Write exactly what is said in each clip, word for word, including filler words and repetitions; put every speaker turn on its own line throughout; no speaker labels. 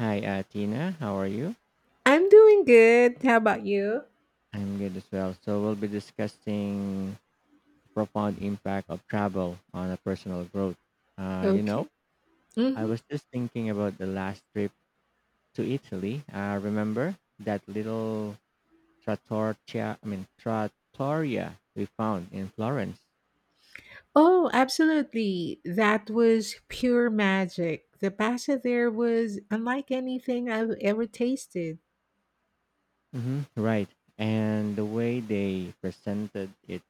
Hi, uh, Tina. How are you?
I'm doing good. How about you?
I'm good as well. So we'll be discussing the profound impact of travel on a personal growth. Uh, you know,
Okay.
I
hmm
was just thinking about the last trip to Italy. Uh, remember that little trattoria? I mean, trattoria we found in Florence.
Oh, absolutely. That was pure magic. The pasta there was unlike anything I've ever tasted.
hmm Right, and the way they presented it,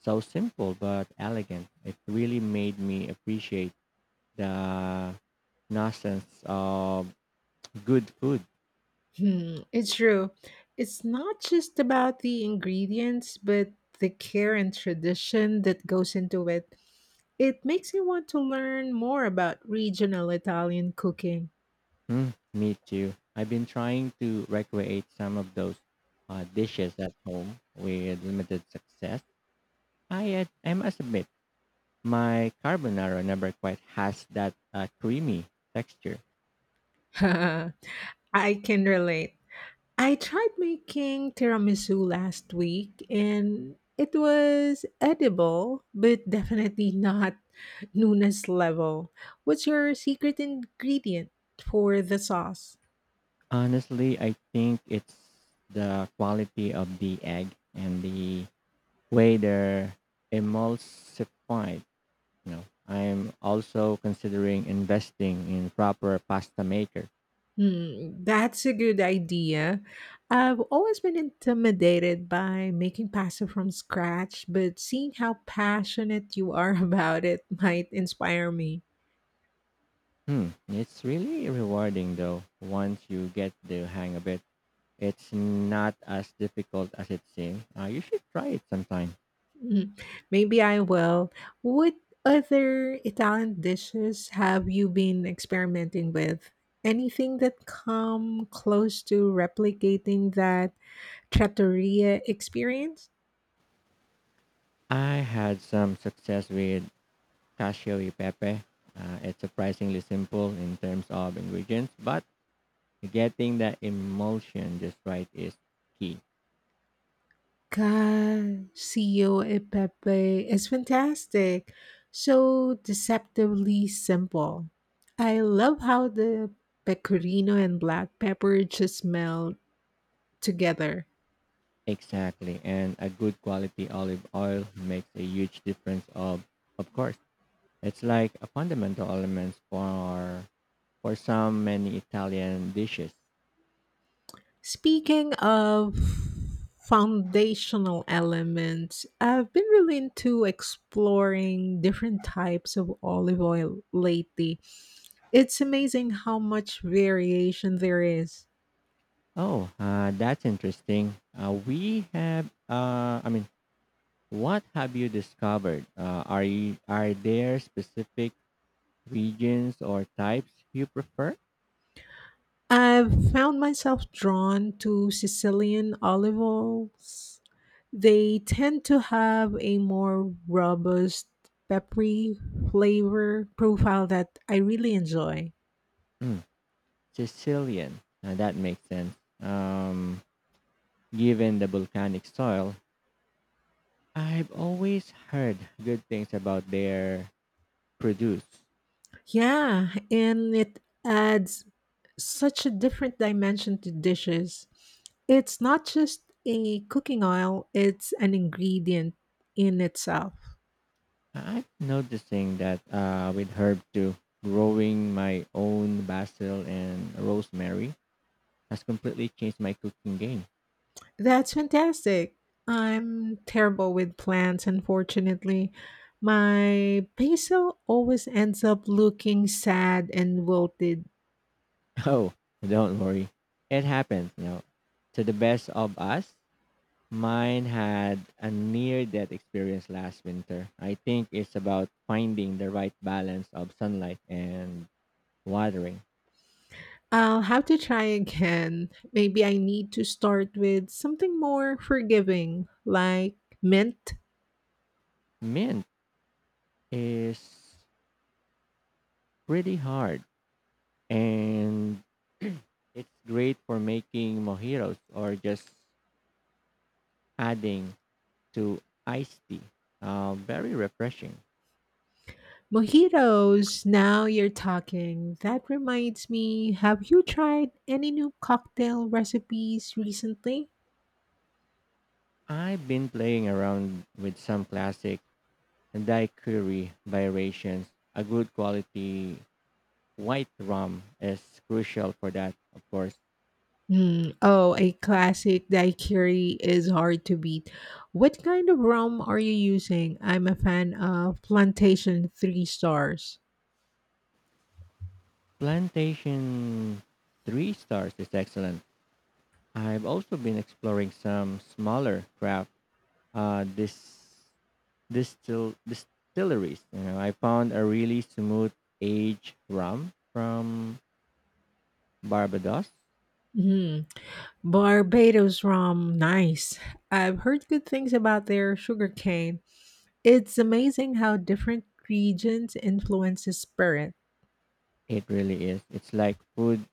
so simple but elegant. It really made me appreciate the nonsense of good food.
Hmm, it's true. It's not just about the ingredients, but the care and tradition that goes into it. It makes me want to learn more about regional Italian cooking.
Mm, me too. I've been trying to recreate some of those uh, dishes at home with limited success. I, ad- I must admit, my carbonara never quite has that uh, creamy texture.
I can relate. I tried making tiramisu last week and it was edible, but definitely not Nuna's level. What's your secret ingredient for the sauce?
Honestly, I think it's the quality of the egg and the way they're emulsified. You know, I'm also considering investing in proper pasta maker.
Hmm, that's a good idea. I've always been intimidated by making pasta from scratch, but seeing how passionate you are about it might inspire me.
Hmm. It's really rewarding though. Once you get the hang of it, it's not as difficult as it seems. Uh, you should try it sometime.
Mm, maybe I will. What other Italian dishes have you been experimenting with? Anything that come close to replicating that trattoria experience?
I had some success with cashew e pepe. Uh, it's surprisingly simple in terms of ingredients, but getting that emulsion just right is key.
Cacio e Pepe is fantastic. So deceptively simple. I love how the pecorino and black pepper just melt together.
Exactly, and a good quality olive oil makes a huge difference. Of of course, it's like a fundamental element for for some many Italian dishes.
Speaking of foundational elements, I've been really into exploring different types of olive oil lately. It's amazing how much variation there is.
Oh, uh, that's interesting. Uh, we have, uh, I mean, what have you discovered? Uh, are you, are there specific regions or types you prefer?
I've found myself drawn to Sicilian olive oils. They tend to have a more robust, peppery flavor profile that I really enjoy.
Mm, Sicilian. Uh, that makes sense. Um, given the volcanic soil, I've always heard good things about their produce.
Yeah, and it adds such a different dimension to dishes. It's not just a cooking oil, it's an ingredient in itself.
I'm noticing that uh, with herb too, growing my own basil and rosemary has completely changed my cooking game.
That's fantastic. I'm terrible with plants, unfortunately. My basil always ends up looking sad and wilted.
Oh, don't worry, it happens. You know, to the best of us, mine had a near-death experience last winter. I think it's about finding the right balance of sunlight and watering.
I'll have to try again. Maybe I need to start with something more forgiving, like mint.
Mint is pretty hard and it's great for making mojitos or just adding to iced tea. Uh, very refreshing.
Mojitos, now you're talking. That reminds me, have you tried any new cocktail recipes recently?
I've been playing around with some classic daiquiri variations. A good quality white rum is crucial for that, of course.
Hmm. Oh, a classic daiquiri is hard to beat. What kind of rum are you using? I'm a fan of Plantation Three Stars.
Plantation three stars is excellent. I've also been exploring some smaller craft uh, this distil distilleries. You know, I found a really smooth aged rum from Barbados.
Hmm. Barbados rum, nice. I've heard good things about their sugarcane. It's amazing how different regions influence the spirit.
It really is. It's like food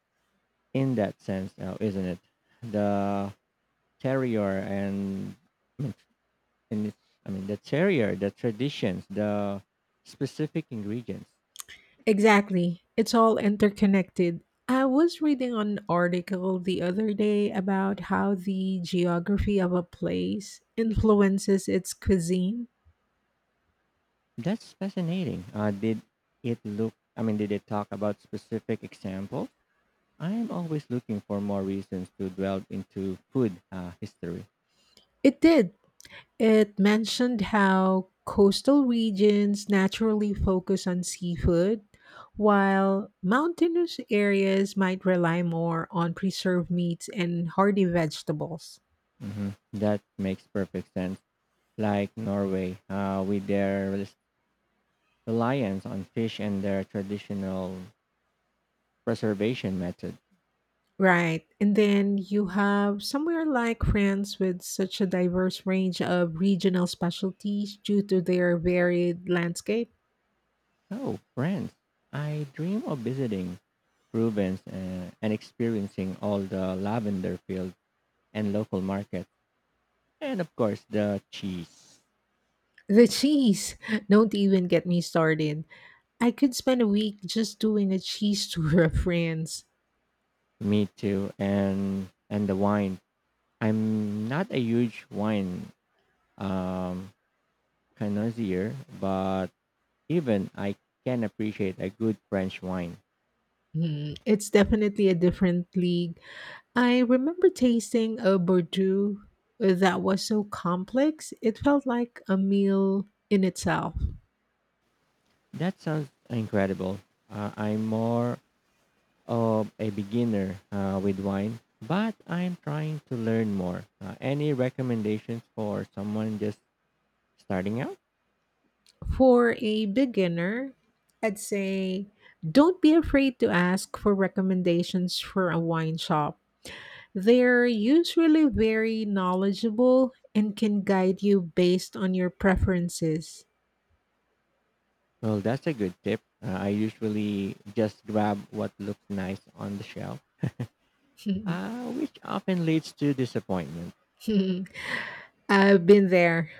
in that sense, now, isn't it? The terrier and and it's, I mean the terrier, the traditions, the specific ingredients.
Exactly. It's all interconnected. I was reading an article the other day about how the geography of a place influences its cuisine.
That's fascinating. Uh, did it look, I mean, did it talk about specific examples? I'm always looking for more reasons to delve into food uh, history.
It did. It mentioned how coastal regions naturally focus on seafood, while mountainous areas might rely more on preserved meats and hardy vegetables.
hmm That makes perfect sense. Like Norway, uh, with their reliance on fish and their traditional preservation method.
Right. And then you have somewhere like France with such a diverse range of regional specialties due to their varied landscape.
Oh, France! I dream of visiting Provence uh, and experiencing all the lavender fields and local markets, and of course the cheese.
The cheese, don't even get me started. I could spend a week just doing a cheese tour of France.
Me too, and and the wine. I'm not a huge wine um, connoisseur, but even I can appreciate a good French wine.
Mm, it's definitely a different league. I remember tasting a Bordeaux that was so complex, it felt like a meal in itself.
That sounds incredible. Uh, I'm more of a beginner uh, with wine, but I'm trying to learn more. Uh, any recommendations for someone just starting out?
For a beginner, I'd say don't be afraid to ask for recommendations for a wine shop. They're usually very knowledgeable and can guide you based on your preferences.
Well, that's a good tip. Uh, I usually just grab what looks nice on the shelf, uh, which often leads to disappointment.
I've been there.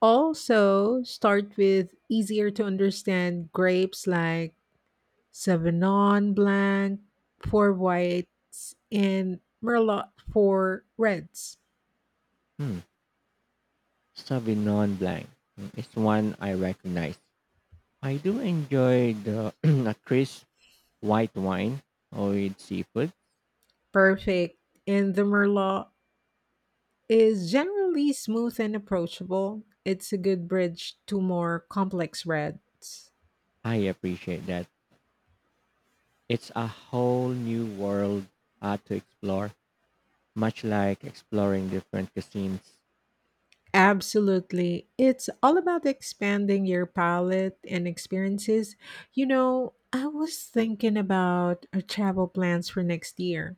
Also, start with easier to understand grapes like Sauvignon Blanc for whites and Merlot for reds.
Hmm. Sauvignon Blanc is one I recognize. I do enjoy the a crisp white wine with seafood.
Perfect. And the Merlot is generally smooth and approachable. It's a good bridge to more complex reds.
I appreciate that. It's a whole new world uh, to explore, much like exploring different cuisines.
Absolutely. It's all about expanding your palette and experiences. You know, I was thinking about our travel plans for next year.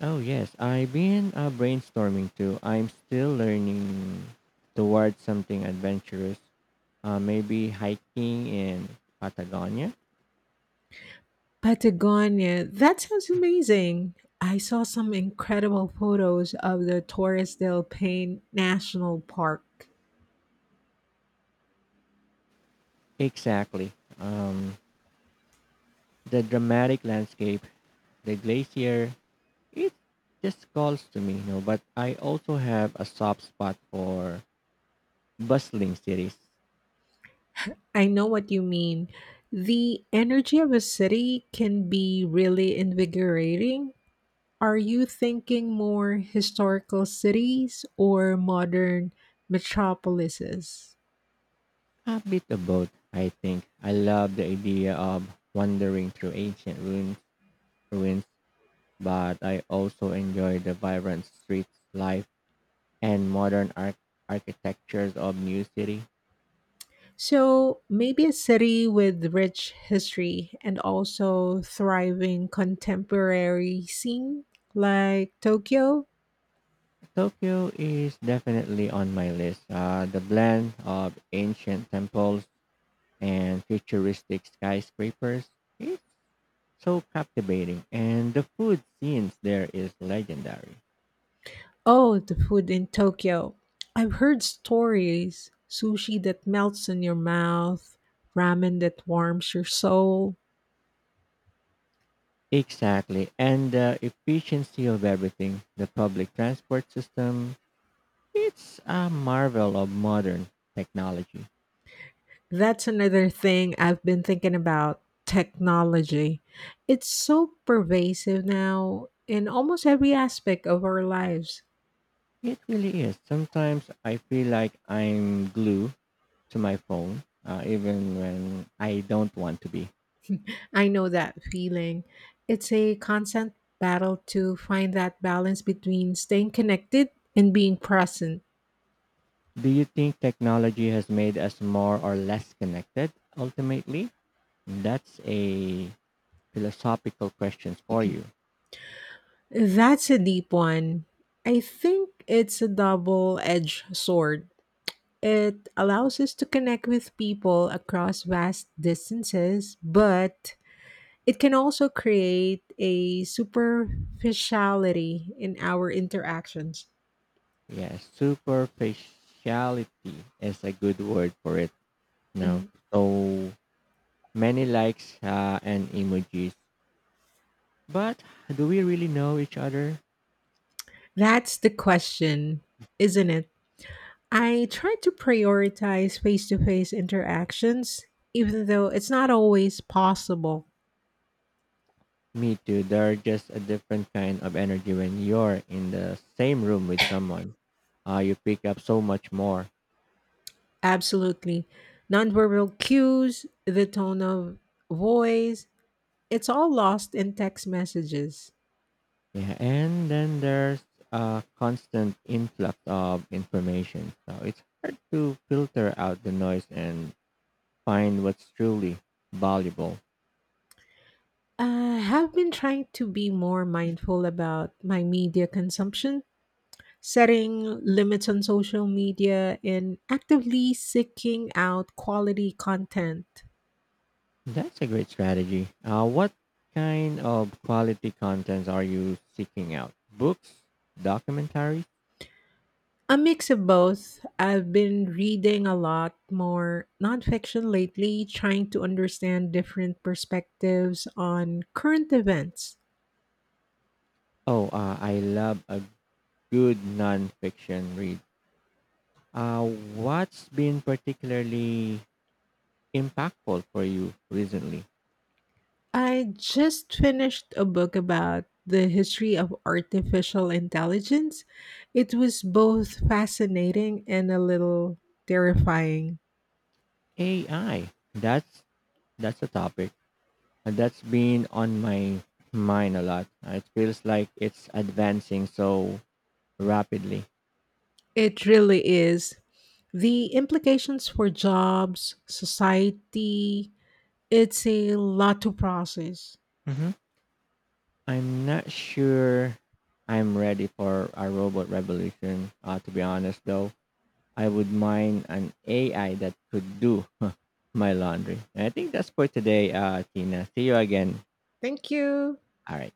Oh yes, I've been uh, brainstorming too. I'm still learning towards something adventurous. Uh, maybe hiking in Patagonia.
Patagonia. That sounds amazing. I saw some incredible photos of the Torres del Paine National Park.
Exactly. Um, the dramatic landscape, the glacier, it just calls to me, you know. But I also have a soft spot for bustling cities.
I know what you mean. The energy of a city can be really invigorating. Are you thinking more historical cities or modern metropolises?
A bit of both, I think. I love the idea of wandering through ancient ruins, ruins, but I also enjoy the vibrant streets life and modern arch- architectures of new city.
So maybe a city with rich history and also thriving contemporary scene like Tokyo.
Tokyo is definitely on my list. Uh, the blend of ancient temples and futuristic skyscrapers is so captivating, and the food scenes there is legendary.
Oh, the food in Tokyo. I've heard stories, sushi that melts in your mouth, ramen that warms your soul.
Exactly. And the efficiency of everything, the public transport system, it's a marvel of modern technology.
That's another thing I've been thinking about, technology. It's so pervasive now in almost every aspect of our lives.
It really is. Sometimes I feel like I'm glued to my phone, uh, even when I don't want to be.
I know that feeling. It's a constant battle to find that balance between staying connected and being present.
Do you think technology has made us more or less connected ultimately? That's a philosophical question for you.
That's a deep one. I think it's a double edged sword. It allows us to connect with people across vast distances, but it can also create a superficiality in our interactions.
Yes, superficiality is a good word for it. No.
Mhm.
So many likes uh, and emojis. But do we really know each other?
That's the question, isn't it? I try to prioritize face to face interactions, even though it's not always possible.
Me too. They're just a different kind of energy when you're in the same room with someone. Uh, you pick up so much more.
Absolutely. Nonverbal cues, the tone of voice, it's all lost in text messages.
Yeah. And then there's a constant influx of information. So it's hard to filter out the noise and find what's truly valuable.
I have been trying to be more mindful about my media consumption, setting limits on social media, and actively seeking out quality content.
That's a great strategy. Uh, what kind of quality contents are you seeking out? Books, documentaries?
A mix of both. I've been reading a lot more nonfiction lately, trying to understand different perspectives on current events.
Oh, uh, I love a good nonfiction read. Uh, what's been particularly impactful for you recently?
I just finished a book about the history of artificial intelligence. It was both fascinating and a little terrifying.
A I. That's that's a topic. Uh, that's been on my mind a lot. Uh, It feels like it's advancing so rapidly.
It really is. The implications for jobs, society, it's a lot to process.
Mhm. I'm not sure I'm ready for a robot revolution. Uh, to be honest, though, I would mind an A I that could do my laundry. And I think that's for today, uh, Tina. See you again.
Thank you.
All right.